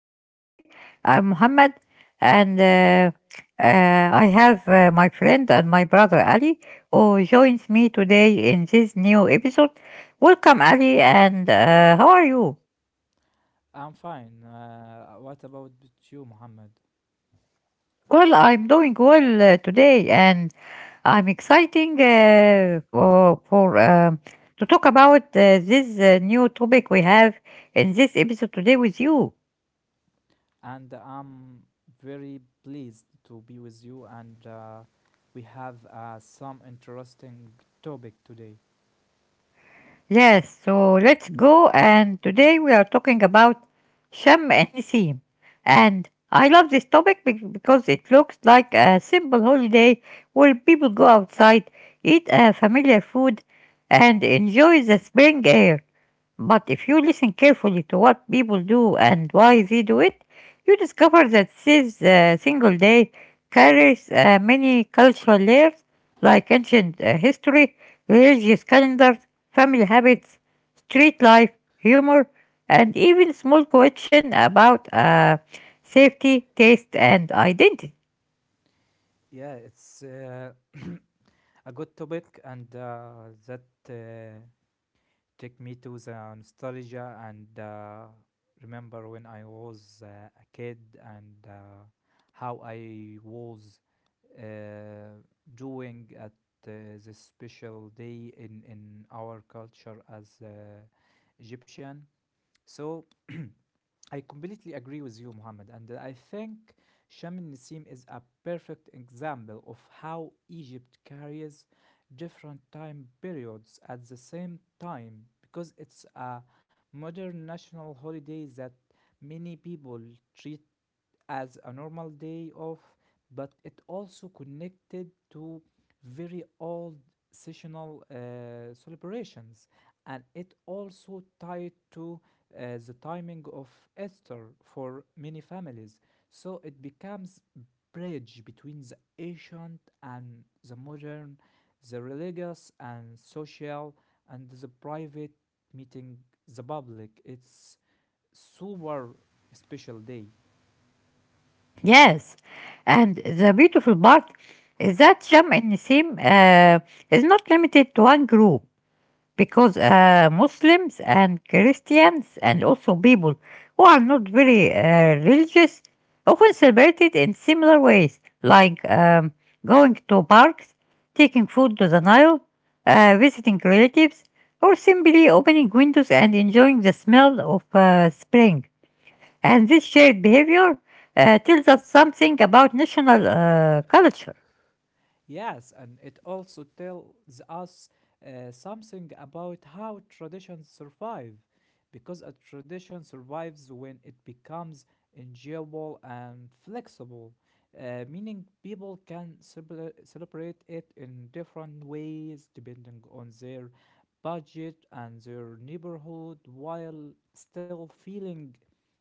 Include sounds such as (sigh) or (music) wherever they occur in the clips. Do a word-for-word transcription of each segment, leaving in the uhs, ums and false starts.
episode today. I'm Muhammad, and uh, uh, I have uh, my friend and my brother Ali, who joins me today in this new episode. Welcome, Ali, and uh, how are you? I'm fine. Uh, what about with you, Mohammed? Well, I'm doing well uh, today, and I'm exciting uh, for, for um, to talk about uh, this uh, new topic we have in this episode today with you. And I'm very pleased to be with you, and uh, we have uh, some interesting topic today. Yes, so let's go. And today we are talking about Shem and Nisim. And I love this topic be- because it looks like a simple holiday where people go outside, eat a familiar food, and enjoy the spring air. But if you listen carefully to what people do and why they do it, you discover that this uh, single day carries uh, many cultural layers like ancient uh, history, religious calendars, family habits, street life, humor, and even small question about uh, safety, taste, and identity. Yeah, it's uh, (coughs) (clears throat) a good topic, and uh, that uh, take me to the nostalgia and uh, remember when I was uh, a kid and uh, how I was uh, doing at uh, this special day in, in our culture as uh, Egyptian. So I completely agree with you, Mohammed, and I think Sham Nissim is a perfect example of how Egypt carries different time periods at the same time because it's a modern national holiday that many people treat as a normal day off, but it also connected to very old seasonal uh, celebrations and it also tied to uh, the timing of Easter for many families. So it becomes bridge between the ancient and the modern, the religious and social, and the private meeting the public. It's super special day. Yes, and the beautiful part is that Sham and Nisim uh, is not limited to one group, because uh, Muslims and Christians and also people who are not very uh, religious often celebrate it in similar ways, like um, going to parks, taking food to the Nile, uh, visiting relatives, or simply opening windows and enjoying the smell of uh, spring. And this shared behavior uh, tells us something about national uh, culture. Yes, and it also tells us uh, something about how traditions survive, because a tradition survives when it becomes enjoyable and flexible, uh, meaning people can cele- celebrate it in different ways depending on their budget and their neighborhood while still feeling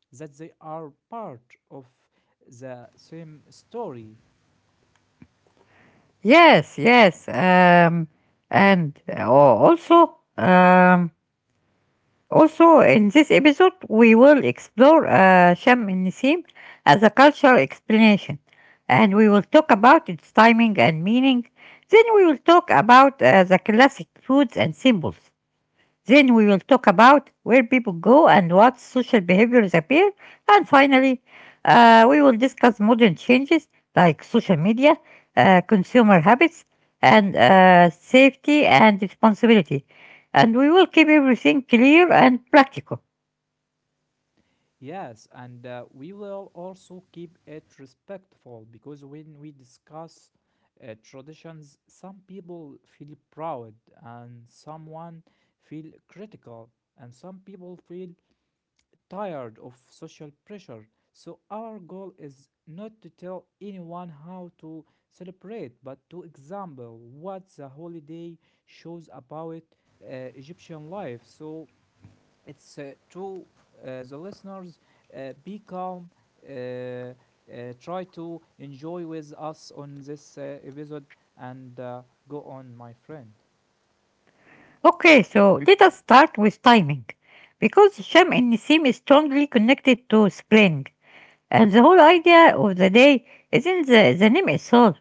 that they are part of the same story. Yes, yes. Um, and uh, also, um, Also, in this episode, we will explore uh, Sham el Nisim as a cultural explanation, and we will talk about its timing and meaning. Then we will talk about uh, the classic foods and symbols. Then we will talk about where people go and what social behaviors appear. And finally, uh, we will discuss modern changes like social media, uh, consumer habits, and uh, safety and responsibility. And we will keep everything clear and practical. Yes, and uh, we will also keep it respectful because when we discuss uh, traditions, some people feel proud and someone feel critical and some people feel tired of social pressure. So our goal is not to tell anyone how to celebrate, but to example what the holiday shows about uh, Egyptian life. So it's uh, to uh, the listeners uh, be calm, uh, uh, try to enjoy with us on this uh, episode and uh, go on, my friend. Okay, so let us start with timing, because Sham and Nisim is strongly connected to spring, and the whole idea of the day is in the, the name itself,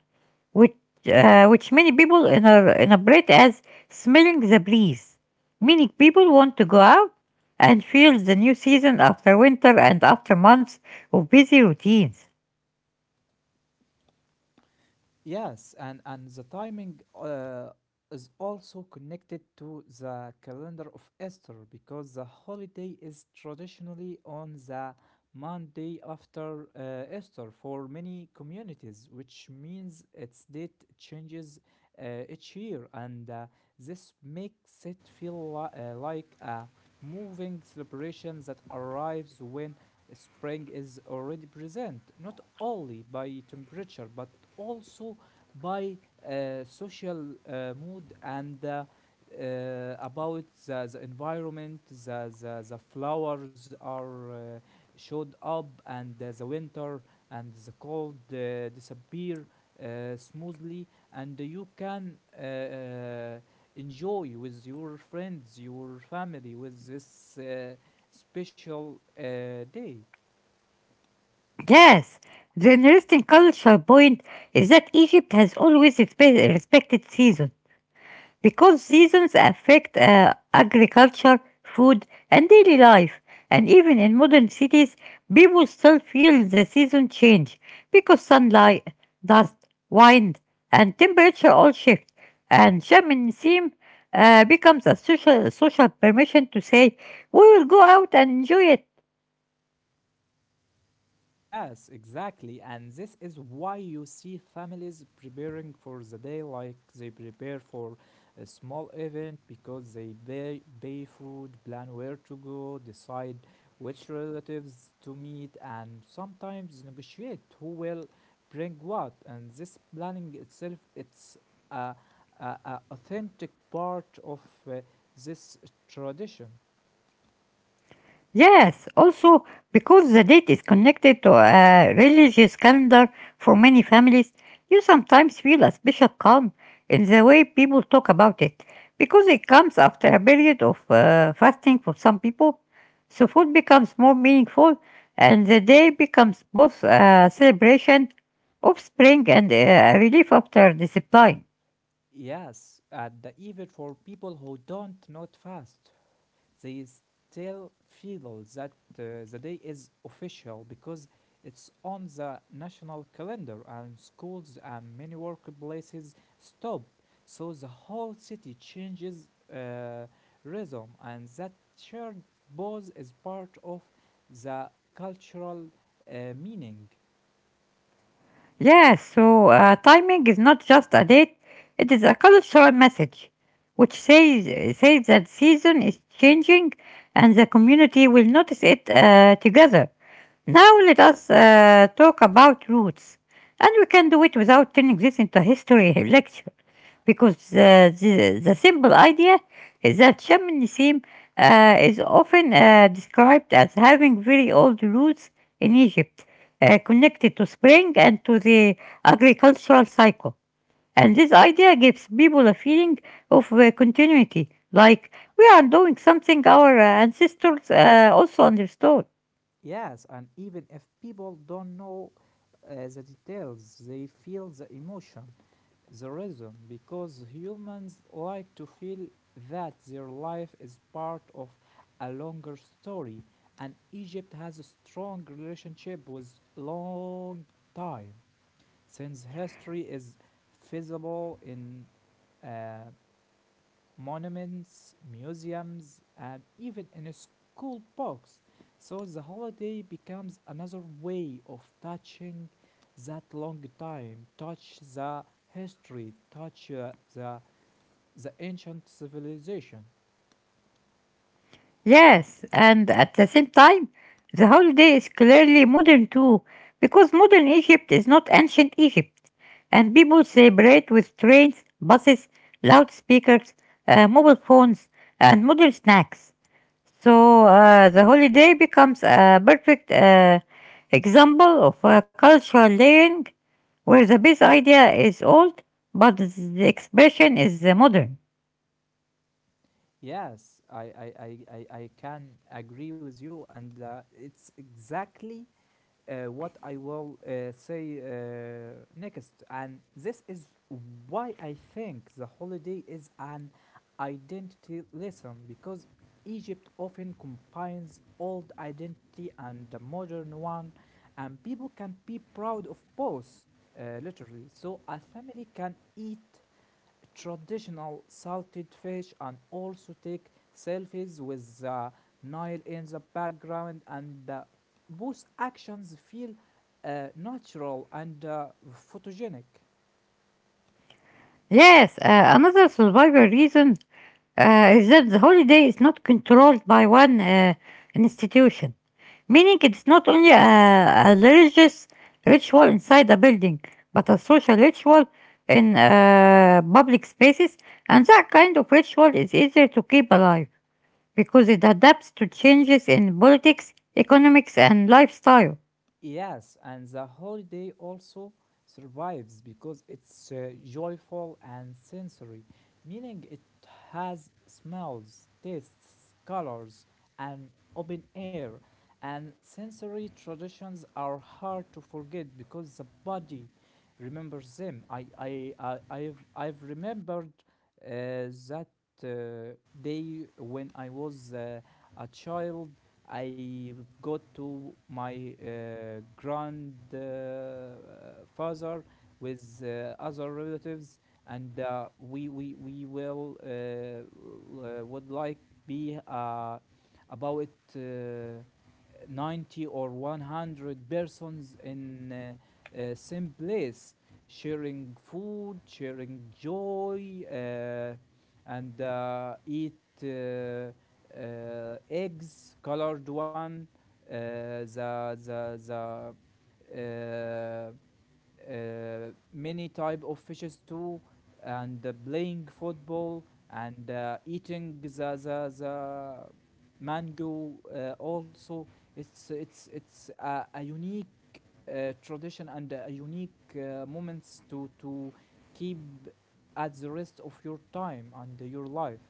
which uh, which many people in a, interpret as smelling the breeze, meaning people want to go out and feel the new season after winter and after months of busy routines. Yes, and, and the timing uh, is also connected to the calendar of Easter because the holiday is traditionally on the Monday after uh, Easter for many communities, which means its date changes uh, each year, and uh, this makes it feel li- uh, like a moving celebration that arrives when spring is already present, not only by temperature but also by uh, social uh, mood and uh, uh, about the, the environment, the, the, the flowers are uh, showed up, and uh, the winter and the cold uh, disappear uh, smoothly, and you can uh, uh, enjoy with your friends, your family, with this uh, special uh, day. Yes, the interesting cultural point is that Egypt has always respe- respected season, because seasons affect uh, agriculture, food, and daily life. And even in modern cities, people still feel the season change because sunlight, dust, wind, and temperature all shift. And shamanism uh, becomes a social, social permission to say, we will go out and enjoy it. Yes, exactly. And this is why you see families preparing for the day like they prepare for a small event because they pay, pay food, plan where to go, decide which relatives to meet, and sometimes negotiate who will bring what. And this planning itself, it's a, a, a authentic part of uh, this tradition. Yes, also because the date is connected to a religious calendar for many families, you sometimes feel a special calm in the way people talk about it because it comes after a period of uh, fasting for some people. So food becomes more meaningful and the day becomes both a celebration of spring and uh, a relief after discipline. Yes, at the even for people who don't not fast. They still feel that uh, the day is official because it's on the national calendar, and schools and many workplaces stop. So the whole city changes uh, rhythm, and that shared pause is part of the cultural uh, meaning. Yeah, so uh, timing is not just a date, it is a cultural message which says, says that season is changing and the community will notice it uh, together. Now let us uh, talk about roots. And we can do it without turning this into a history (laughs) lecture, because uh, the, the simple idea is that Shamanism uh, is often uh, described as having very old roots in Egypt, uh, connected to spring and to the agricultural cycle. And this idea gives people a feeling of uh, continuity, like we are doing something our uh, ancestors uh, also understood. Yes, and even if people don't know uh, the details, they feel the emotion, the rhythm, because humans like to feel that their life is part of a longer story, and Egypt has a strong relationship with long time, since history is visible in uh, monuments, museums, and even in school books. So the holiday becomes another way of touching that long time, touch the history, touch uh, the the ancient civilization. Yes, and at the same time, the holiday is clearly modern too, because modern Egypt is not ancient Egypt, and people celebrate with trains, buses, loudspeakers, uh, mobile phones, and modern snacks. So uh, the holiday becomes a perfect uh, example of a cultural layering where the base idea is old, but the expression is uh, modern. Yes, I, I, I, I, I can agree with you, and uh, it's exactly uh, what I will uh, say uh, next. And this is why I think the holiday is an identity lesson because Egypt often combines old identity and the modern one, and people can be proud of both, uh, literally. So a family can eat traditional salted fish and also take selfies with the Nile in the background, and uh, both actions feel uh, natural and uh, photogenic. Yes, uh, another survival reason uh, is that the holiday is not controlled by one uh, institution, meaning it is not only a, a religious ritual inside a building, but a social ritual in uh, public spaces, and that kind of ritual is easier to keep alive because it adapts to changes in politics, economics, and lifestyle. Yes, and the holiday also survives because it's uh, joyful and sensory, meaning it has smells, tastes, colors, and open air. And sensory traditions are hard to forget because the body remembers them. I I I I've I've remembered uh, that uh, day when I was uh, a child. I got to my uh, grandfather with uh, other relatives, and uh, we we we will uh, uh, would like be uh, about uh, ninety or one hundred persons in. Uh, uh, same place, sharing food, sharing joy, uh, and uh, eat uh, uh, eggs, colored one, uh, the the the. Uh, uh, many type of fishes too and uh, playing football and uh, eating the, the, the mango uh, also, it's it's it's a, a unique uh, tradition and uh, unique uh, moments to to keep at the rest of your time and your life.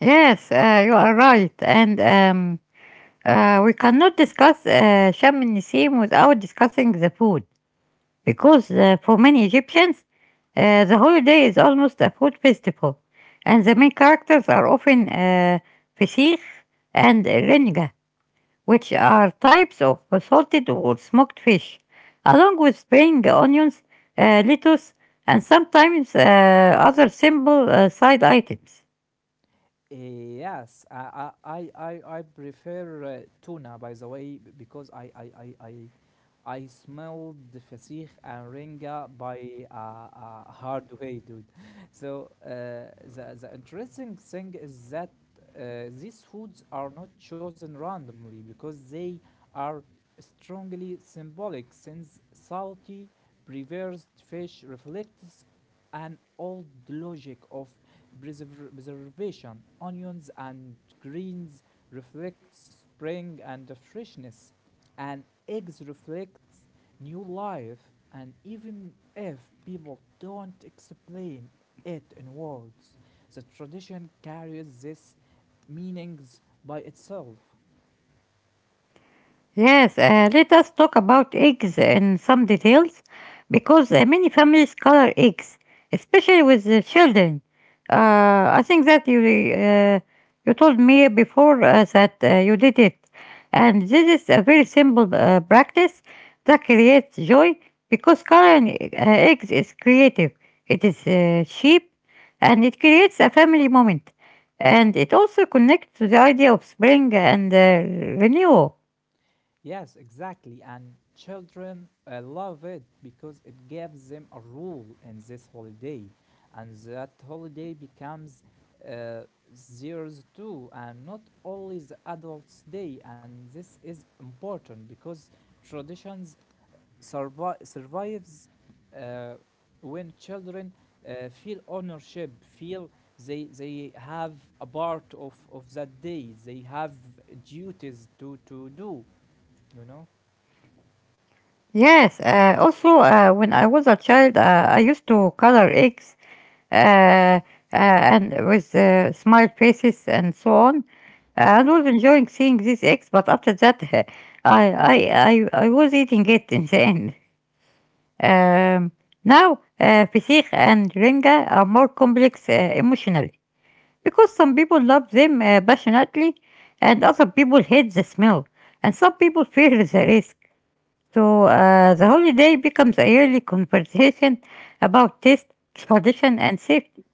Yes, uh, you are right, and um, uh, we cannot discuss uh, Sham el Nissim without discussing the food because uh, for many Egyptians, uh, the holiday is almost a food festival, and the main characters are often uh, fishih and renga, which are types of salted or smoked fish, along with spring onions, uh, lettuce, and sometimes uh, other simple uh, side items. Yes, I I I I I prefer uh, tuna, by the way, b- because I I I I, I smelled the fasikh and ringa by a, a hard way, dude. (laughs) So uh, the the interesting thing is that uh, these foods are not chosen randomly because they are strongly symbolic since salty preserved fish reflects an old logic of preserv- preservation. Onions and greens reflects spring and freshness, and eggs reflects new life. And even if people don't explain it in words, the tradition carries these meanings by itself. Yes, uh, let us talk about eggs in some details because uh, many families color eggs, especially with the children. Uh, I think that you uh, you told me before uh, that uh, you did it, and this is a very simple uh, practice that creates joy because coloring uh, eggs is creative. It is uh, cheap, and it creates a family moment, and it also connects to the idea of spring and uh, renewal. Yes, exactly. And children uh, love it because it gives them a rule in this holiday. And that holiday becomes uh, theirs too, and not only the adults' day. And this is important because traditions survi- survives uh, when children uh, feel ownership, feel they they have a part of, of that day. They have duties to, to do, you know? Yes, uh, also uh, when I was a child, uh, I used to color eggs uh, uh, and with uh, smile faces and so on. I was enjoying seeing these eggs, but after that, (laughs) I, I, I, I was eating it in the end. Um, Now, uh, Fisikh and Renga are more complex uh, emotionally because some people love them uh, passionately and other people hate the smell, and some people fear the risk. So uh, the holiday becomes a yearly conversation about taste, tradition, and safety.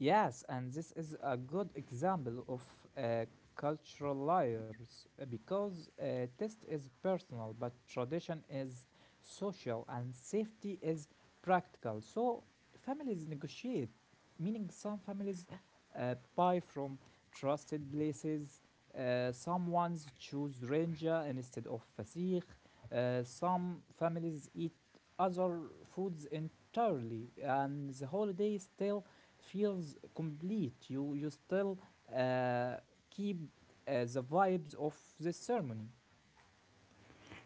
Yes, and this is a good example of uh, cultural layers uh, because uh, taste is personal, but tradition is social and safety is practical. So families negotiate, meaning some families uh, buy from trusted places. Uh, some ones choose ranger instead of fasikh. Uh, some families eat other foods entirely, and the holiday still feels complete. You you still uh, keep uh, the vibes of this ceremony.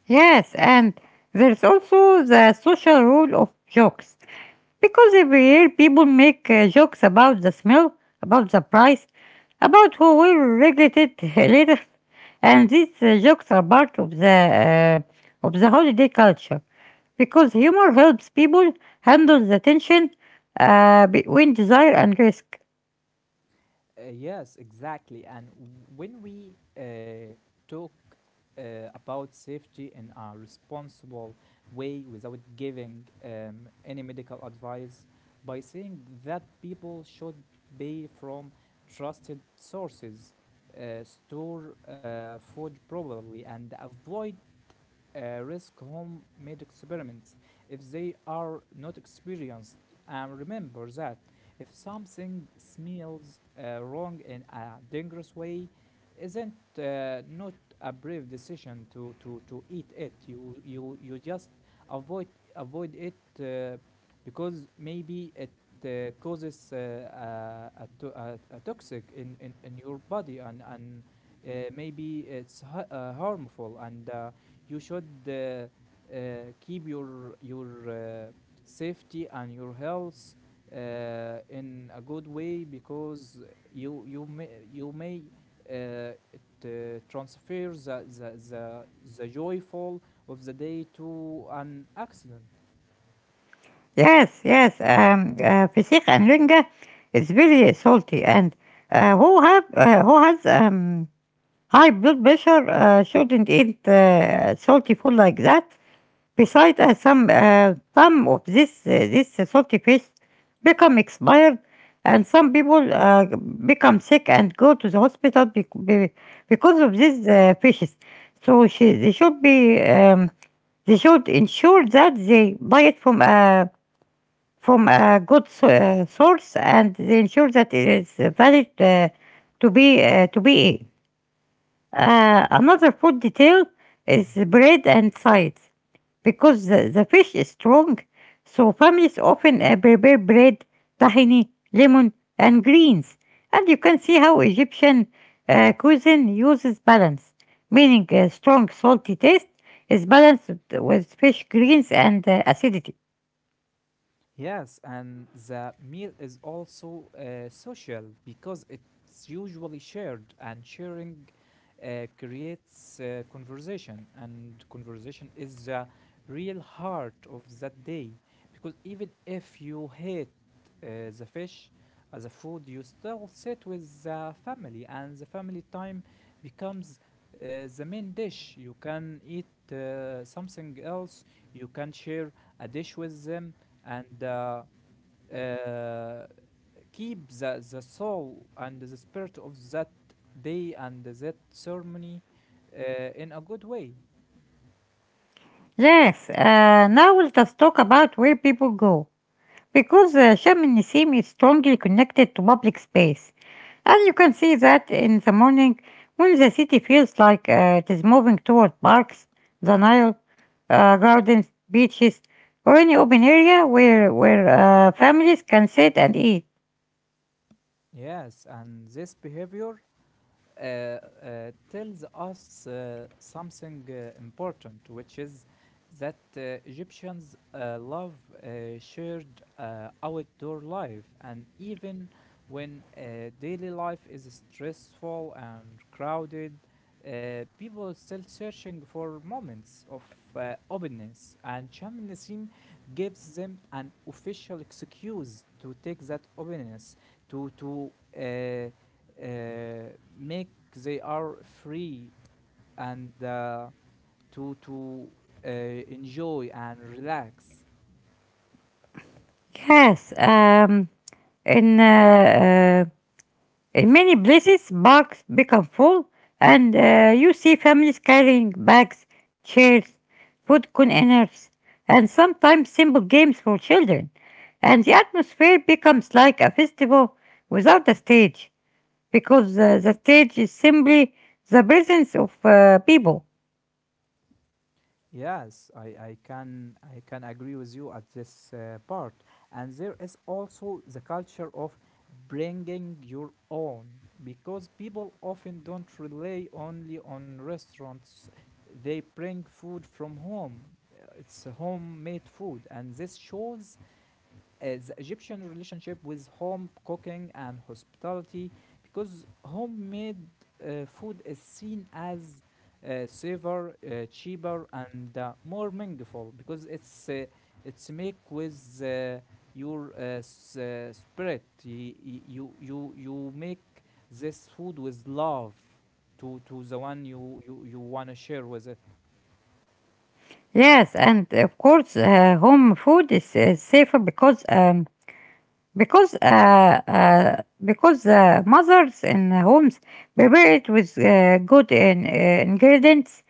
Yes, and there's also the social role of jokes, because every year people make uh, jokes about the smell, about the price, about who will regret it (laughs) later. And these uh, jokes are part of the, uh, of the holiday culture because humor helps people handle the tension uh, between desire and risk. Uh, yes, exactly. And when we uh, talk uh, about safety in a responsible way without giving um, any medical advice, by saying that people should pay from trusted sources, uh, store uh, food properly, and avoid uh, risk homemade experiments if they are not experienced. And remember that if something smells uh, wrong in a dangerous way, isn't uh, not a brave decision to, to, to eat it. You you you just avoid avoid it uh, because maybe it uh, causes uh, a, a, to- a, a toxic in, in, in your body and and uh, maybe it's ha- uh, harmful. And. Uh, you should uh, uh, keep your your uh, safety and your health uh, in a good way, because you you may you may uh, it uh, transfers the, the the the joyful of the day to an accident. Yes, yes. Um, uh, Pesach and Linga is very salty, and uh, who have uh, who has um, high blood pressure uh, shouldn't eat uh, salty food like that. Besides, uh, some uh, some of this uh, this salty fish become expired, and some people uh, become sick and go to the hospital bec- be- because of these uh, fishes. So she, they should be um, they should ensure that they buy it from a from a good so- uh, source and ensure that it is valid uh, to be uh, to be. Uh, another food detail is Mhm. bread and sides because the, the fish is strong, so families often uh, prepare bread, tahini, lemon, and greens. And you can see how Egyptian uh, cuisine uses balance, meaning a strong salty taste is balanced with fish greens and uh, acidity. Yes, and the meal is also uh, social because it's usually shared, and sharing uh, creates uh, conversation, and conversation is the real heart of that day. Because even if you hate uh, the fish as a food, you still sit with the family, and the family time becomes uh, the main dish. You can eat uh, something else, you can share a dish with them and uh, uh, keep the, the soul and the spirit of that day and that ceremony uh, in a good way. Yes, uh, now let us talk about where people go, because uh, Shamanism is strongly connected to public space. And you can see that in the morning when the city feels like uh, it is moving toward parks, the Nile, uh, gardens, beaches, or any open area where, where uh, families can sit and eat. Yes, and this behavior uh, uh, tells us uh, something uh, important, which is that uh, Egyptians uh, love uh, shared uh, outdoor life, and even when uh, daily life is stressful and crowded, uh, people are still searching for moments of uh, openness, and shamanism gives them an official excuse to take that openness to to uh, uh, make they are free and uh, to to uh, enjoy and relax. Yes, um, in uh, uh, In many places, parks become full, and uh, you see families carrying bags, chairs, food containers, and sometimes simple games for children. And the atmosphere becomes like a festival without a stage, because uh, the stage is simply the presence of uh, people. Yes, I, I can I can agree with you at this uh, part. And there is also the culture of bringing your own because people often don't rely only on restaurants. They bring food from home. Uh, It's homemade food, and this shows uh, the Egyptian relationship with home cooking and hospitality because homemade uh, food is seen as uh, safer, uh, cheaper, and uh, more meaningful because it's uh, it's make with uh, your uh, s- uh, spirit. Y- y- You you you make this food with love to to the one you you, you want to share with it. Yes, and of course, uh, home food is uh, safer because um, because uh, uh, because uh, mothers in homes Y- prepare it with uh, good in, uh, ingredients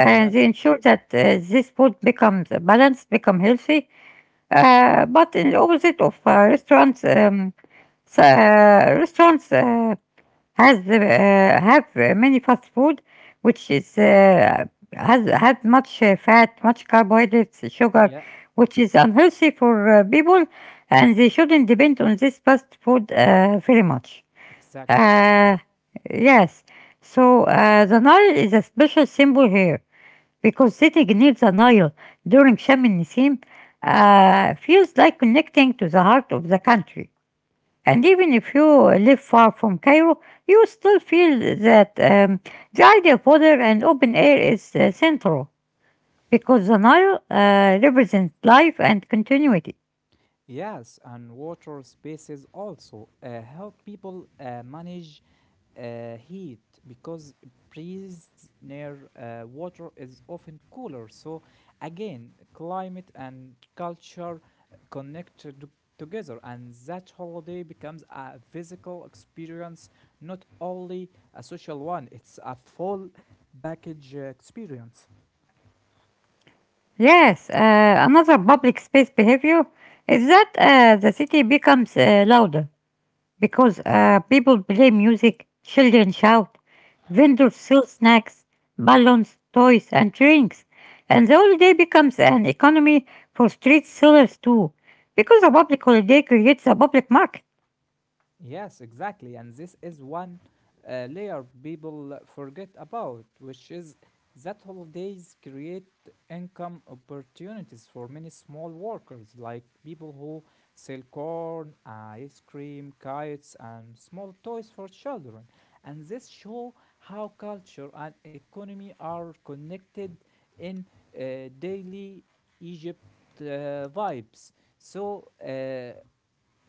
Yes, they ensure that uh, this food becomes uh, balanced, become healthy. Uh, but in the opposite of uh, restaurants, um, so, uh, restaurants uh, has uh, have uh, many fast food, which is uh, has has much uh, fat, much carbohydrates, sugar, Yeah, which is unhealthy for uh, people, and they shouldn't depend on this fast food uh, very much. exactly. Uh, yes, so uh, the Nile is a special symbol here because sitting near the Nile during Shem Nissim uh, feels like connecting to the heart of the country. And even if you live far from Cairo, you still feel that um, the idea of water and open air is uh, central because the Nile uh, represents life and continuity. Yes, and water spaces also uh, help people uh, manage uh, heat because breeze near uh, water is often cooler. So, again, climate and culture connected together, and that holiday becomes a physical experience, not only a social one, it's a full package uh, experience. Yes, uh, another public space behavior is that uh, the city becomes uh, louder, because uh, people play music, children shout, vendors sell snacks, balloons, toys, and drinks. And the holiday becomes an economy for street sellers too, because a public holiday creates a public market. Yes, exactly. And this is one uh, layer people forget about, which is that holidays create income opportunities for many small workers, like people who sell corn, ice cream, kites, and small toys for children. And this show how culture and economy are connected in uh, daily Egypt uh, vibes. So, uh,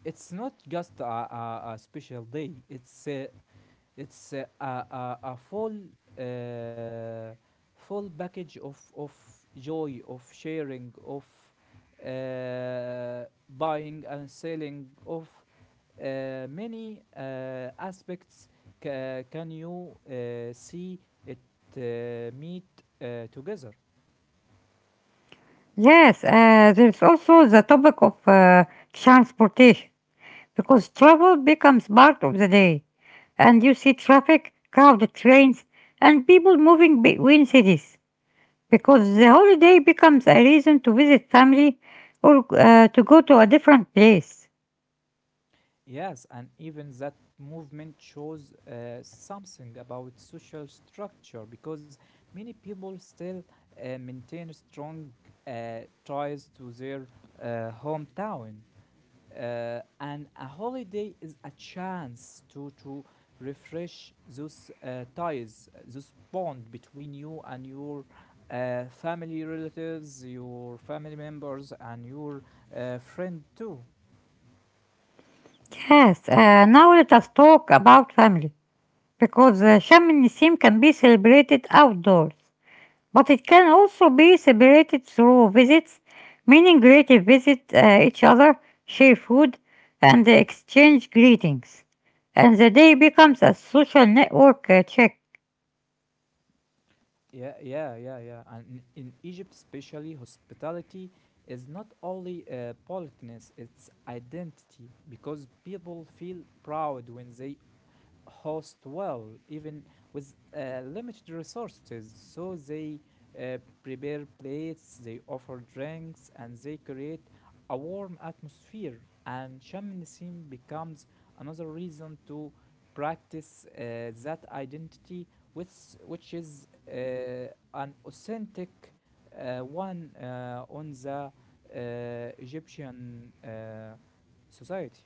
it's not just a, a, a special day. It's a, it's a, a, a a full uh, full package of of joy, of sharing, of uh, buying and selling, of uh, many uh, aspects. Ca- can you uh, see it uh, meet uh, together? Yes, uh, there's also the topic of uh, transportation, because travel becomes part of the day, and you see traffic, crowded trains, and people moving between cities, because the holiday becomes a reason to visit family or uh, to go to a different place. Yes, and even that movement shows uh, something about social structure because many people still uh, maintain strong uh, ties to their uh, hometown. Uh, and a holiday is a chance to, to refresh those uh, ties, uh, those bond between you and your uh, family relatives, your family members, and your uh, friend too. Yes, uh, now let us talk about family because uh, Sham Nissim can be celebrated outdoors, but it can also be celebrated through visits, meaning relative visit uh, each other, share food, and exchange greetings, and the day becomes a social network uh, check. Yeah, yeah, yeah, yeah. And in Egypt, especially, hospitality is not only uh, politeness, it's identity because people feel proud when they host well, even with uh, limited resources. So they uh, prepare plates, they offer drinks, and they create a warm atmosphere. And shamanism becomes another reason to practice uh, that identity, which, which is uh, an authentic uh, one uh, on the uh, Egyptian uh, society.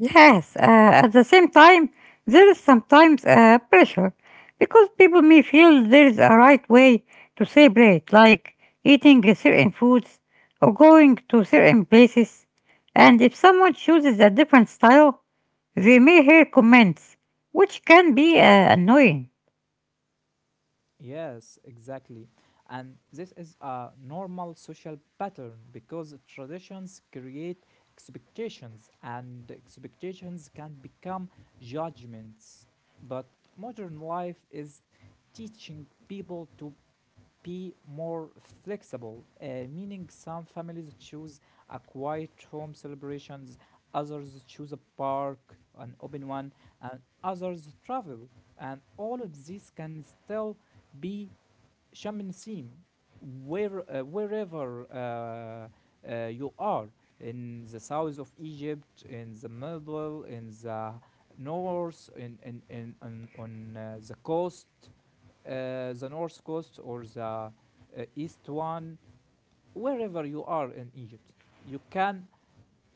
Yes, uh, at the same time, there is sometimes uh, pressure because people may feel there is a right way to celebrate, like eating certain foods or going to certain places. And if someone chooses a different style, they may hear comments, which can be uh, annoying. Yes, exactly. And this is a normal social pattern because traditions create expectations and expectations can become judgments. But modern life is teaching people to be more flexible, uh, meaning some families choose a quiet home celebrations, others choose a park, an open one, and others travel. And all of this can still be Sham Nasim, where, uh, wherever uh, uh, you are, in the south of Egypt, in the middle, in the north, in, in, in, on, on uh, the coast, uh, the north coast or the uh, east one, wherever you are in Egypt, you can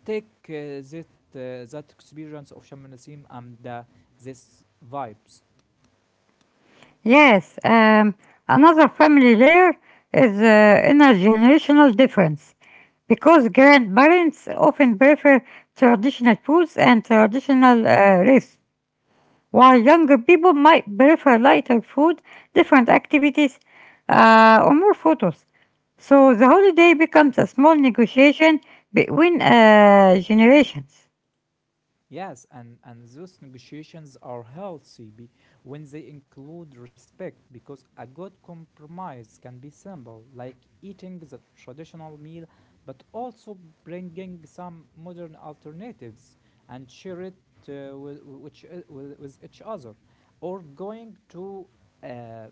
take uh, that, uh, that experience of Sham Nasim and uh, this vibes. Yes, um, another family layer is uh, intergenerational difference because grandparents often prefer traditional foods and traditional uh, risks, while younger people might prefer lighter food, different activities, uh, or more photos. So the holiday becomes a small negotiation between uh, generations. Yes, and, and those negotiations are healthy be, when they include respect because a good compromise can be simple, like eating the traditional meal but also bringing some modern alternatives and share it uh, with, which, uh, with, with each other, or going to uh,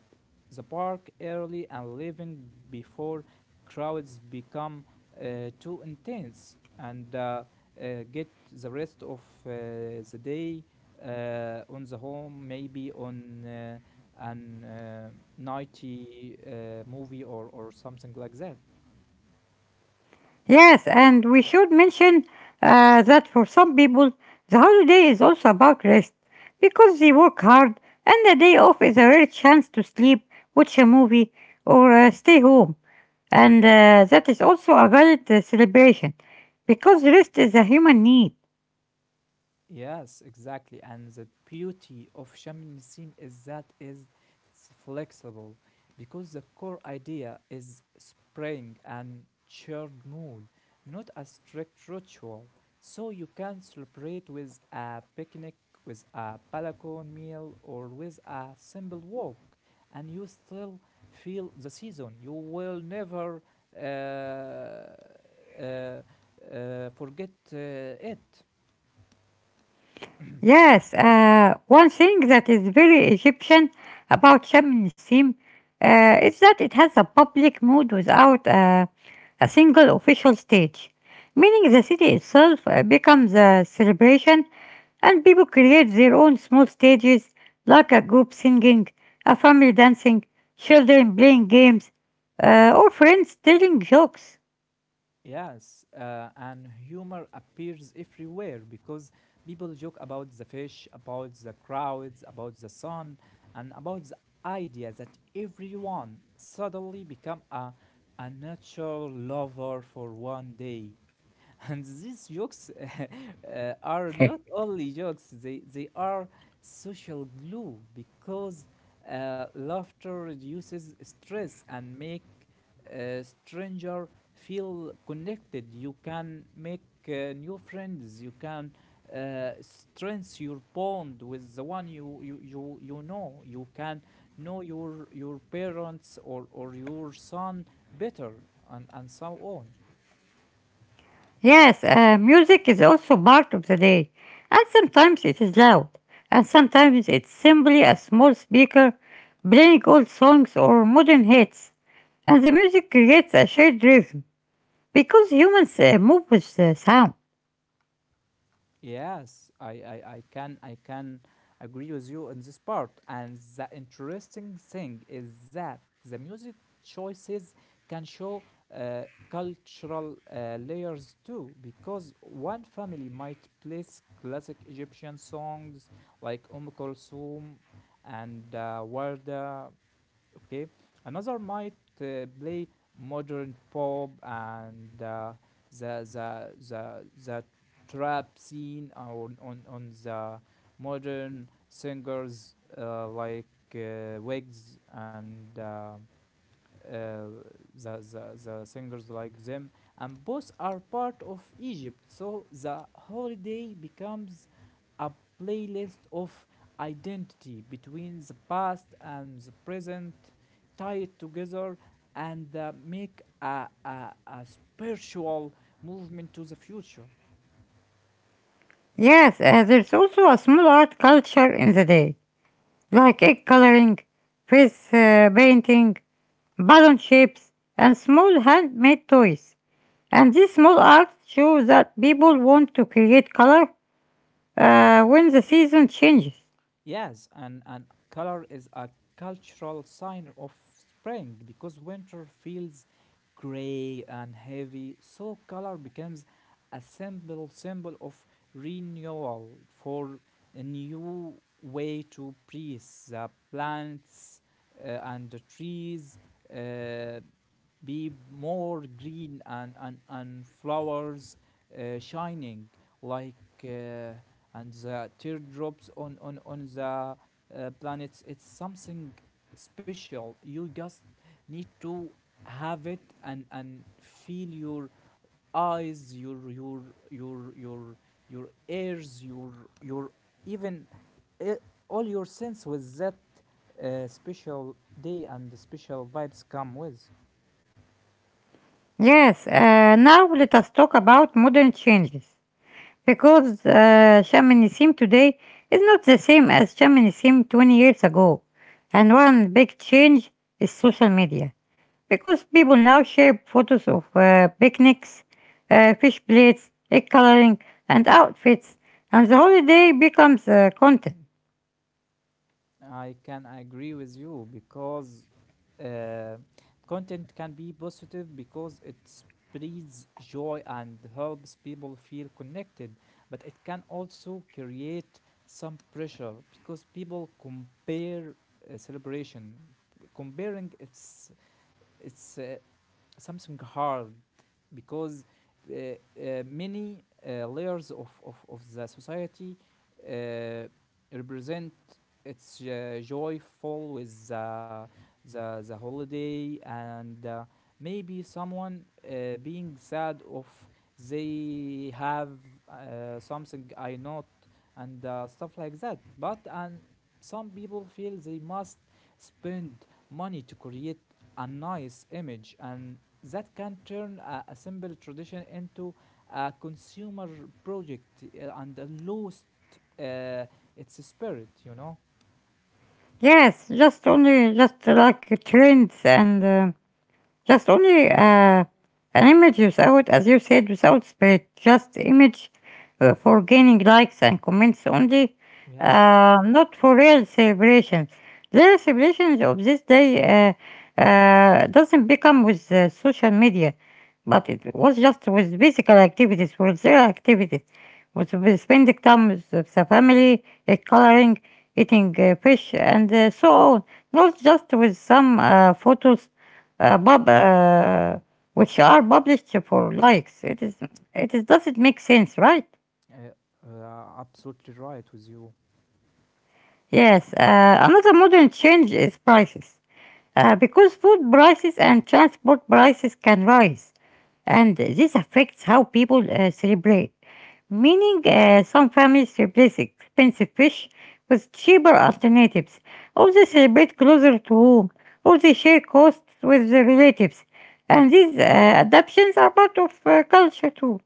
the park early and leaving before crowds become uh, too intense. And uh, uh, get the rest of uh, the day uh, on the home, maybe on uh, an uh, nighty uh, movie or, or something like that. Yes, and we should mention uh, that for some people, the holiday is also about rest because they work hard and the day off is a rare chance to sleep, watch a movie, or uh, stay home. And uh, that is also a valid uh, celebration because rest is a human need. Yes, exactly. And the beauty of Shamim Nisim is that is it's flexible because the core idea is spring and shared mood, not a strict ritual. So you can celebrate with a picnic, with a balcony meal, or with a simple walk, and you still feel the season. You will never uh, uh, uh, forget uh, it. Yes, uh, one thing that is very Egyptian about Sham el uh, is that it has a public mood without uh, a single official stage, meaning the city itself uh, becomes a celebration and people create their own small stages like a group singing, a family dancing, children playing games, uh, or friends telling jokes. Yes, uh, and humor appears everywhere because people joke about the fish, about the crowds, about the sun, and about the idea that everyone suddenly become a, a natural lover for one day. (laughs) And these jokes (laughs) uh, are not (laughs) only jokes, they they are social glue because uh, laughter reduces stress and make a stranger feel connected. You can make uh, new friends, you can uh, strengthen your bond with the one you, you you you know. You can know your your parents or or your son better, and and so on. Yes, uh, music is also part of the day, and sometimes it is loud, and sometimes it's simply a small speaker playing old songs or modern hits, and the music creates a shared rhythm because humans uh, move with the sound. Yes, I, I, I can I can agree with you in this part. And the interesting thing is that the music choices can show uh, cultural uh, layers too, because one family might place classic Egyptian songs like Umm Kulthum and uh, Warda, okay, another might uh, play modern pop and uh, the the the the trap scene on on on the modern singers uh, like uh, Wigs and uh, uh, the, the the singers like them, and both are part of Egypt. So the holiday becomes a playlist of identity between the past and the present tied together and uh, make a, a, a spiritual movement to the future. Yes, uh, there's also a small art culture in the day, like egg coloring, face uh, painting, balloon shapes, and small handmade toys. And these small arts show that people want to create color uh, when the season changes. Yes, and, and color is a cultural sign of spring because winter feels gray and heavy, so color becomes a symbol symbol of renewal for a new way to breathe the plants uh, and the trees. Uh, be more green and and, and flowers uh, shining like uh, and the teardrops on on on the uh, planets. It's something special. You just need to have it and and feel your eyes, your your your your your ears, your your even uh, all your sense with that uh, special day and the special vibes come with. Yes, uh, now let us talk about modern changes. Because uh, shamanism today is not the same as shamanism twenty years ago. And one big change is social media. Because people now share photos of uh, picnics, uh, fish plates, egg coloring, and outfits. And the holiday becomes uh, content. I can agree with you because uh, content can be positive because it spreads joy and helps people feel connected, but it can also create some pressure because people compare uh, celebration. Comparing, it's it's uh, something hard because uh, uh, many uh, layers of, of, of the society uh, represent its uh, joyful with the, the, the holiday and uh, maybe someone uh, being sad of they have uh, something I not and uh, stuff like that, but and some people feel they must spend money to create a nice image and that can turn a, a simple tradition into a consumer project uh, and uh, lost uh, its spirit, you know? Yes, just only just like trends and uh, just only uh, an image without, as you said, without spirit. Just image uh, for gaining likes and comments only, Yes, uh, not for real celebrations. Real celebrations of this day uh, uh, doesn't become with uh, social media, but it was just with physical activities, with real activities with spending time with the family, uh, coloring, eating uh, fish, and uh, so on. Not just with some uh, photos, uh, pub, uh, which are published for likes. It is. It is, doesn't make sense, right? uh, uh, absolutely right with you. Yes, uh, another modern change is prices. Uh, because food prices and transport prices can rise, and this affects how people uh, celebrate. Meaning, uh, some families replace expensive fish with cheaper alternatives, or they celebrate closer to home, or they share costs with their relatives. And these uh, adaptations are part of uh, culture too.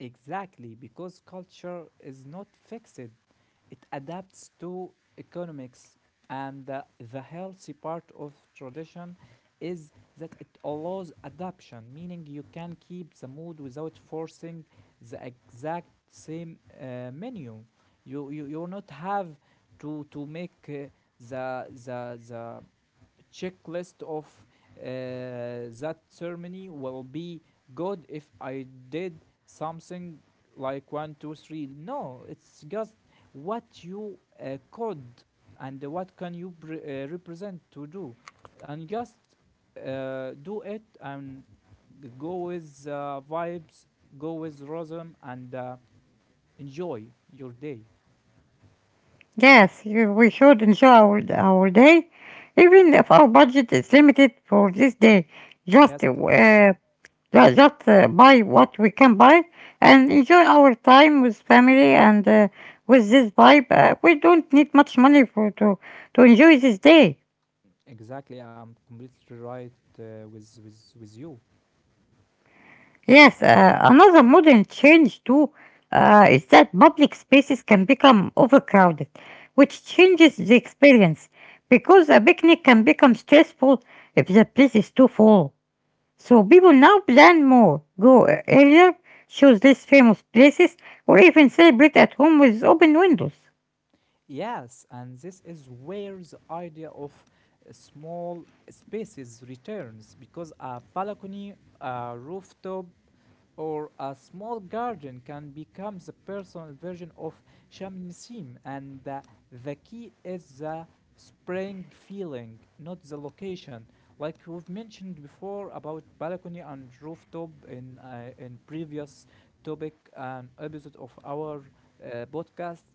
Exactly, because culture is not fixed. It adapts to economics, and the, the healthy part of tradition is that it allows adaptation, meaning you can keep the mood without forcing the exact same uh, menu. You, you you not have to to make uh, the the the checklist of uh, that ceremony will be good if I did something like one, two, three. No, it's just what you uh, could and what can you pre- uh, represent to do, and just uh, do it and go with uh, vibes, go with rhythm, and uh, enjoy your day. Yes, you- we should enjoy our, our day, even if our budget is limited for this day. Just Yes, uh, ju- just uh, buy what we can buy and enjoy our time with family and uh, with this vibe. Uh, we don't need much money for to to enjoy this day. exactly. I'm completely right uh, with with with you. Yes, uh, another modern change too uh, is that public spaces can become overcrowded, which changes the experience because a picnic can become stressful if the place is too full. So people now plan more, go uh, earlier, choose less famous places, or even celebrate at home with open windows. Yes, and this is where the idea of uh, small spaces returns because a balcony, a rooftop, or a small garden can become the personal version of shamanism, and uh, the key is the spring feeling, not the location. Like we've mentioned before about balcony and rooftop in uh, in previous topic and episode of our uh, podcast,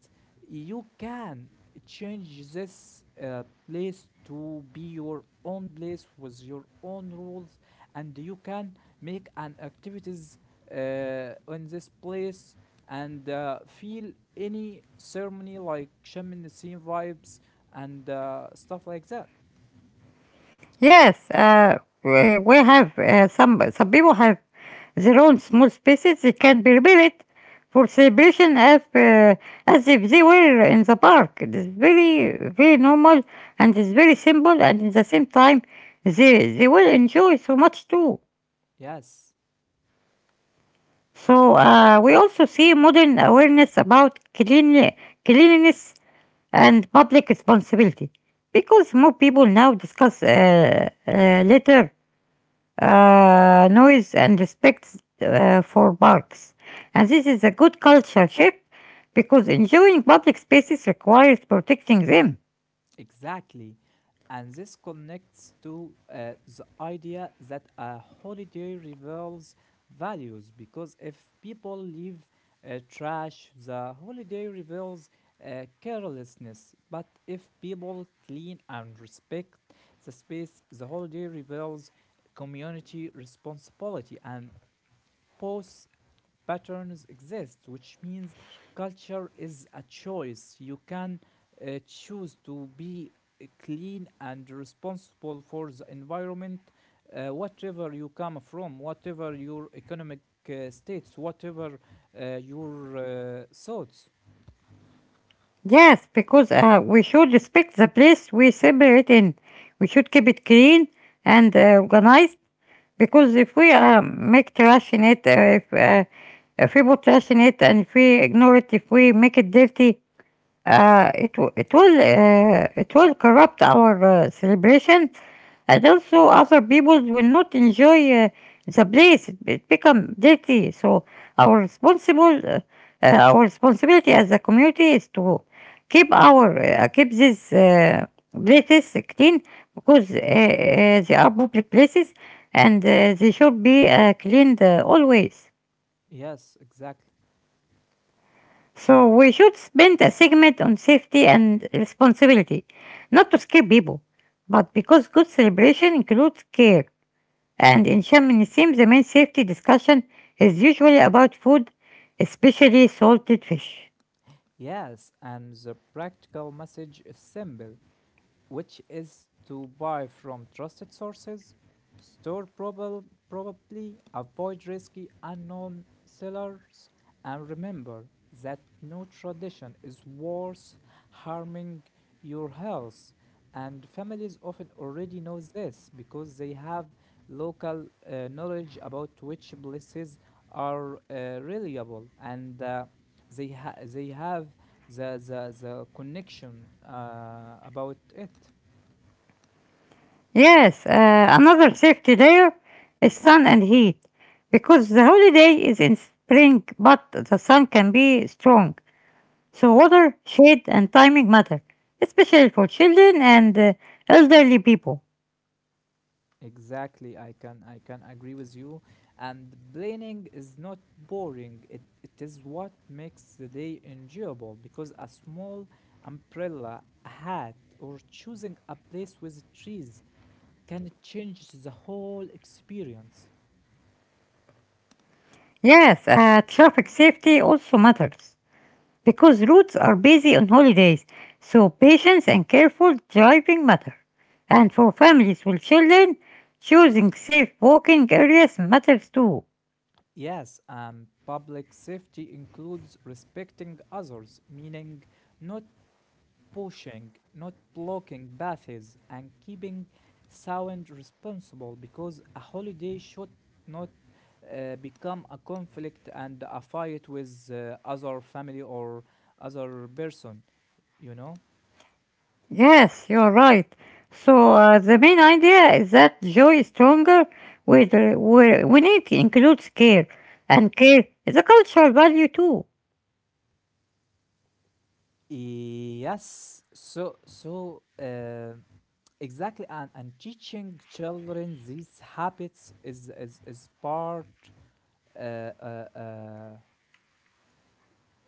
you can change this uh, place to be your own place with your own rules, and you can make an activities uh, on this place and uh, feel any ceremony like Shem and the vibes and uh, stuff like that. Yes, uh, we we have uh, some some people have their own small spaces. They can be rebuilt for celebration as uh, as if they were in the park. It is very very normal and it's very simple. And at the same time, they they will enjoy so much too. Yes. So uh, we also see modern awareness about clean, cleanliness and public responsibility because more people now discuss uh, uh, litter uh, noise and respect uh, for parks. And this is a good culture shift because enjoying public spaces requires protecting them. Exactly. And this connects to uh, the idea that a holiday reveals values because if people leave uh, trash, the holiday reveals uh, carelessness. But if people clean and respect the space, the holiday reveals community responsibility. And both patterns exist, which means culture is a choice. You can uh, choose to be uh, clean and responsible for the environment, uh, whatever you come from, whatever your economic uh, states, whatever uh, your uh, thoughts. Yes, because uh, we should respect the place we celebrate in. We should keep it clean and uh, organized because if we uh, make trash in it, uh, if, uh, if we put trash in it and if we ignore it, if we make it dirty, Uh, it w- it will uh, it will corrupt our uh, celebration, and also other people will not enjoy uh, the place. It, it become dirty. So our responsible uh, uh, our responsibility as a community is to keep our uh, keep these uh, places clean because uh, uh, they are public places and uh, they should be uh, cleaned uh, always. Yes, exactly. So we should spend a segment on safety and responsibility, not to scare people, but because good celebration includes care. And in Shamanism, the main safety discussion is usually about food, especially salted fish. Yes, and the practical message is simple, which is to buy from trusted sources, store probab- probably, avoid risky unknown sellers, and remember that no tradition is worth harming your health. And families often already know this because they have local uh, knowledge about which places are uh, reliable and uh, they ha- they have the the the connection uh, about it. Yes, uh, another safety layer is sun and heat, because the holiday is in spring, but the sun can be strong. So water, shade, and timing matter, especially for children and uh, elderly people. Exactly, i can i can agree with you. And planning is not boring, it it is what makes the day enjoyable because a small umbrella, a hat, or choosing a place with trees can change the whole experience. Yes, uh, traffic safety also matters because roads are busy on holidays, so patience and careful driving matter. And for families with children, choosing safe walking areas matters too. Yes, and public safety includes respecting others, meaning not pushing, not blocking paths, and keeping sound responsible because a holiday should not uh, become a conflict and a fight with uh, other family or other person, you know? Yes, you're right. So uh, the main idea is that joy is stronger with, uh, where- when it includes care, and care is a cultural value too. Yes, so so uh, exactly, and, and teaching children these habits is is, is part uh, uh, uh,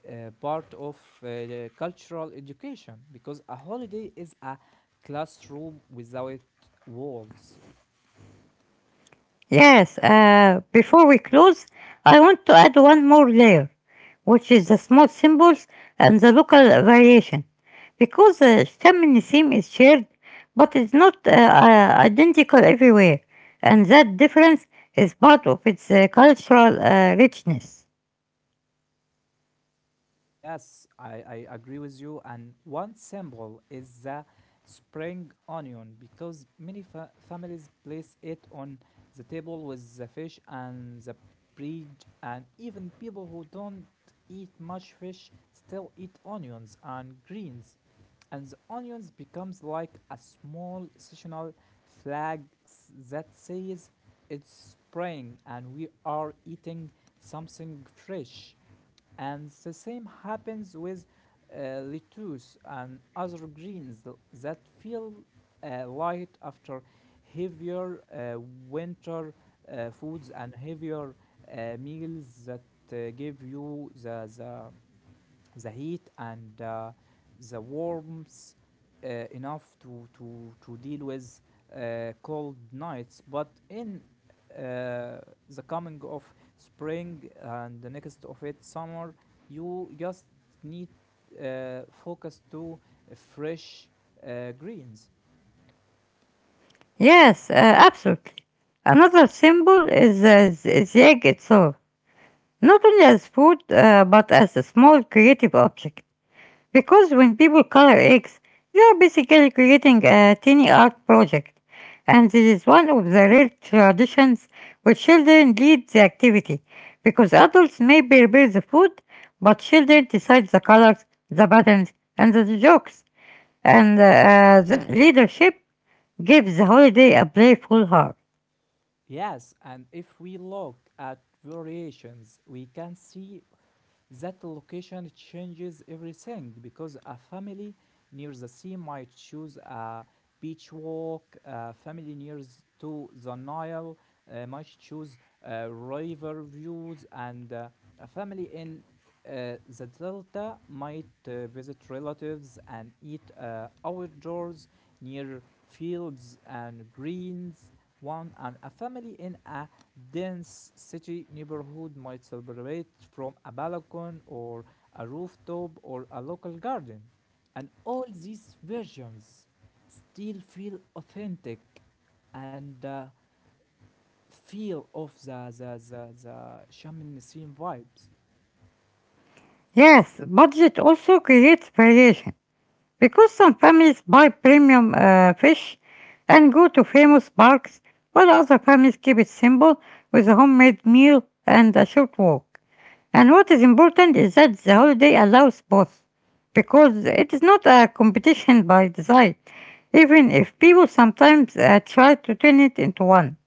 uh, part of uh, cultural education because a holiday is a classroom without walls. Yes, uh, before we close, I want to add one more layer, which is the small symbols and the local variation. Because the Shammin theme is shared, but it's not uh, uh, identical everywhere, and that difference is part of its uh, cultural uh, richness. Yes, I, I agree with you. And one symbol is the spring onion because many fa- families place it on the table with the fish and the bread, and even people who don't eat much fish still eat onions and greens. And the onions becomes like a small seasonal flag s- that says it's spring and we are eating something fresh. And the same happens with uh, lettuce and other greens th- that feel uh, light after heavier uh, winter uh, foods and heavier uh, meals that uh, give you the, the the heat and uh, the warmth uh, enough to, to, to deal with uh, cold nights. But in uh, the coming of spring and the next of it summer, you just need uh, focus to fresh uh, greens. Yes, uh, absolutely. Another symbol is uh, the the egg itself, not only as food, uh, but as a small creative object. Because when people color eggs, they are basically creating a tiny art project, and this is one of the rare traditions where children lead the activity, because adults may prepare the food, but children decide the colors, the patterns, and the jokes, and uh, the leadership gives the holiday a playful heart. Yes, and if we look at variations, we can see that location changes everything. Because a family near the sea might choose a beach walk, a family near s- to the Nile uh, might choose uh, river views, and uh, a family in uh, the Delta might uh, visit relatives and eat uh, outdoors near fields and greens. One and a family in a dense city neighborhood might celebrate from a balcony or a rooftop or a local garden. And all these versions still feel authentic and uh, feel of the, the, the, the Shamanic scene vibes. Yes, budget also creates variation because some families buy premium uh, fish and go to famous parks, while other families keep it simple with a homemade meal and a short walk. And what is important is that the holiday allows both, because it is not a competition by design, even if people sometimes uh, try to turn it into one.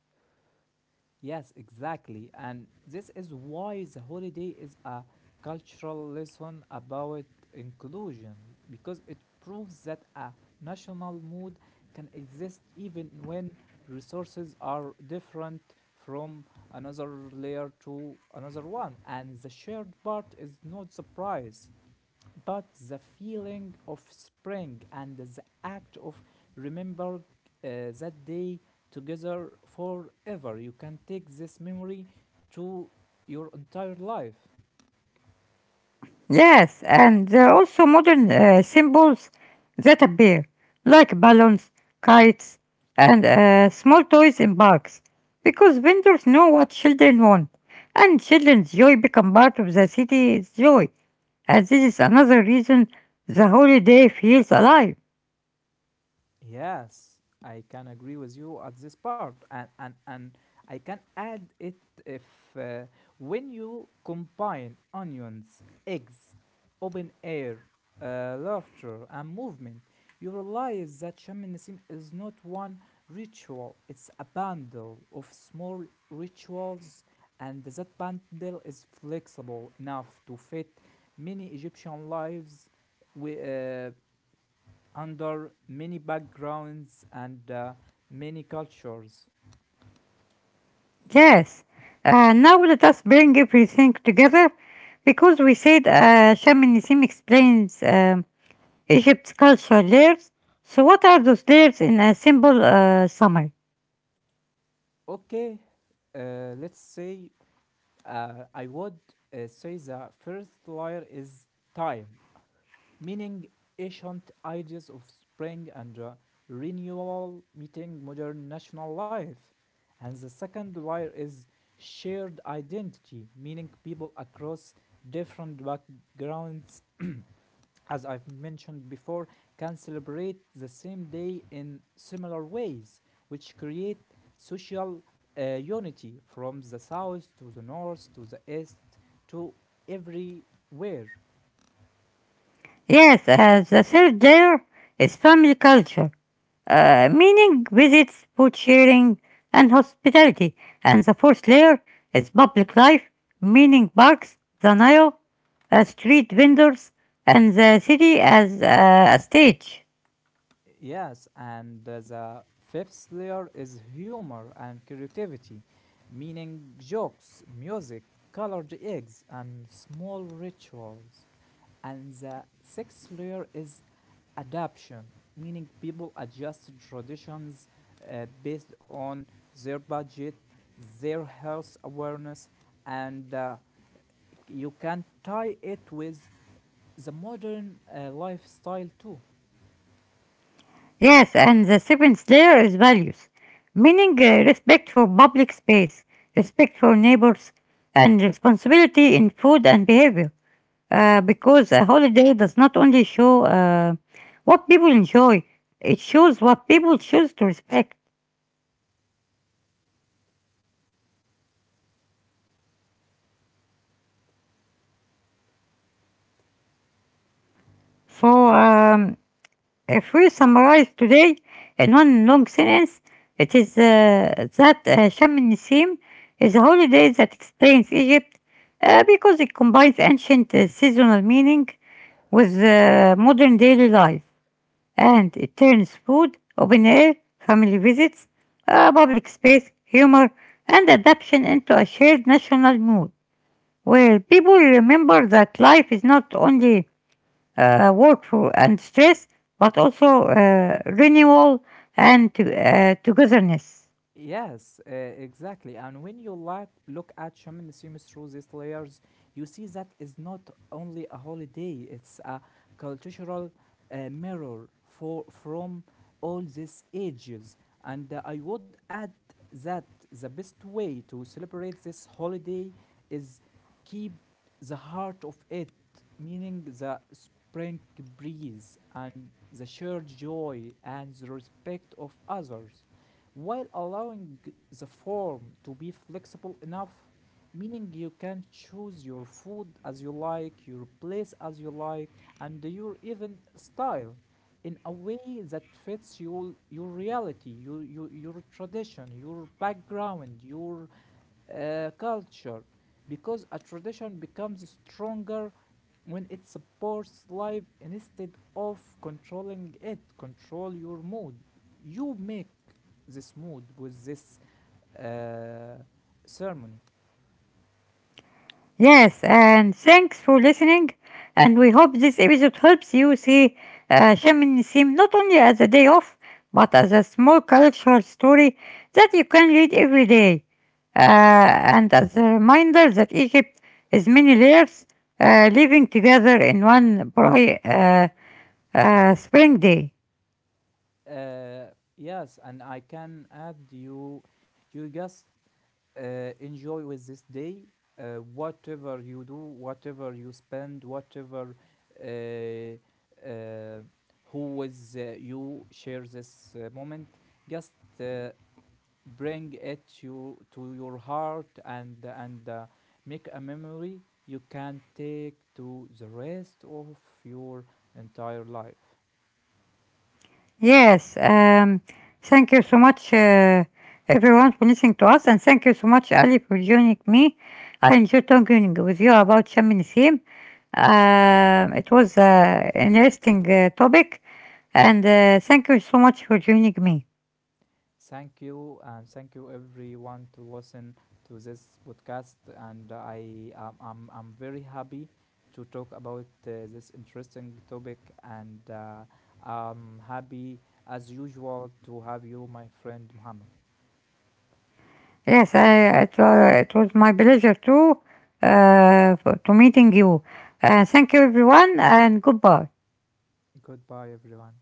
Yes, exactly. And this is why the holiday is a cultural lesson about inclusion, because it proves that a national mood can exist even when resources are different from another layer to another one. And the shared part is not the price, but the feeling of spring and the act of remembering uh, that day together forever. You can take this memory to your entire life. Yes, and there are also modern uh, symbols that appear, like balloons, kites, and uh, small toys in bags, because vendors know what children want, and children's joy become part of the city's joy, and this is another reason the holiday feels alive. Yes, I can agree with you at this part, and and and I can add it if uh, when you combine onions, eggs, open air, uh, laughter, and movement, you realize that shamanism is not one ritual; it's a bundle of small rituals, and that bundle is flexible enough to fit many Egyptian lives. We. Uh, under many backgrounds and uh, many cultures. Yes, uh, now let us bring everything together, because we said uh, Shamanism explains. Um, Egypt's culture layers. So, what are those layers in a simple uh, summary? Okay, uh, let's say uh, I would uh, say the first layer is time, meaning ancient ideas of spring and uh, renewal meeting modern national life. And the second layer is shared identity, meaning people across different backgrounds, as I've mentioned before, can celebrate the same day in similar ways, which create social uh, unity from the south to the north to the east to everywhere. Yes, uh, the third layer is family culture, uh, meaning visits, food sharing, and hospitality. And the fourth layer is public life, meaning parks, the Nile, uh, street vendors, and the city as uh, a stage. Yes, and uh, the fifth layer is humor and creativity, meaning jokes, music, colored eggs, and small rituals. And the sixth layer is adaption, meaning people adjust traditions uh, based on their budget, their health awareness, and uh, you can tie it with the modern uh, lifestyle too. Yes, and the seventh layer is values, meaning uh, respect for public space, respect for neighbors, and responsibility in food and behavior. Uh, because a holiday does not only show uh, what people enjoy, it shows what people choose to respect. So, um, if we summarize today in one long sentence, it is uh, that uh, Sham Nissim is a holiday that explains Egypt uh, because it combines ancient uh, seasonal meaning with uh, modern daily life and it turns food, open air, family visits, uh, public space, humor, and adaptation into a shared national mood where people remember that life is not only uh, work for and stress, but also uh, renewal and to, uh, togetherness. Yes, uh, exactly. And when you like look at shamanism through these layers, you see that is not only a holiday; it's a cultural uh, mirror for from all these ages. And uh, I would add that the best way to celebrate this holiday is keep the heart of it, meaning the spring breeze and the shared joy and the respect of others, while allowing the form to be flexible enough, meaning you can choose your food as you like, your place as you like, and your even style in a way that fits your your reality, your your, your tradition, your background, your uh, culture. Because a tradition becomes stronger when it supports life instead of controlling it. Control your mood. You make this mood with this uh, ceremony. Yes, and thanks for listening. And we hope this episode helps you see uh, shamanism not only as a day off, but as a small cultural story that you can read every day. Uh, and as a reminder that Egypt is many layers uh, living together in one bright uh, uh, spring day. Uh, yes, and I can add you, you just uh, enjoy with this day, uh, whatever you do, whatever you spend, whatever uh, uh, who with uh, you share this uh, moment. Just uh, bring it to, to your heart and and uh, make a memory you can take to the rest of your entire life. Yes, um, thank you so much, uh, everyone, for listening to us, and thank you so much, Ali, for joining me. I enjoyed talking with you about Sham Nisim. Um, it was uh, an interesting uh, topic, and uh, thank you so much for joining me. Thank you, and thank you everyone to listen to this podcast. And I um, I'm I'm very happy to talk about uh, this interesting topic, and uh, I'm happy as usual to have you, my friend Muhammad. Yes, I, it, was, it was my pleasure too uh, for- to meeting you. Uh, thank you, everyone, and goodbye. Goodbye everyone.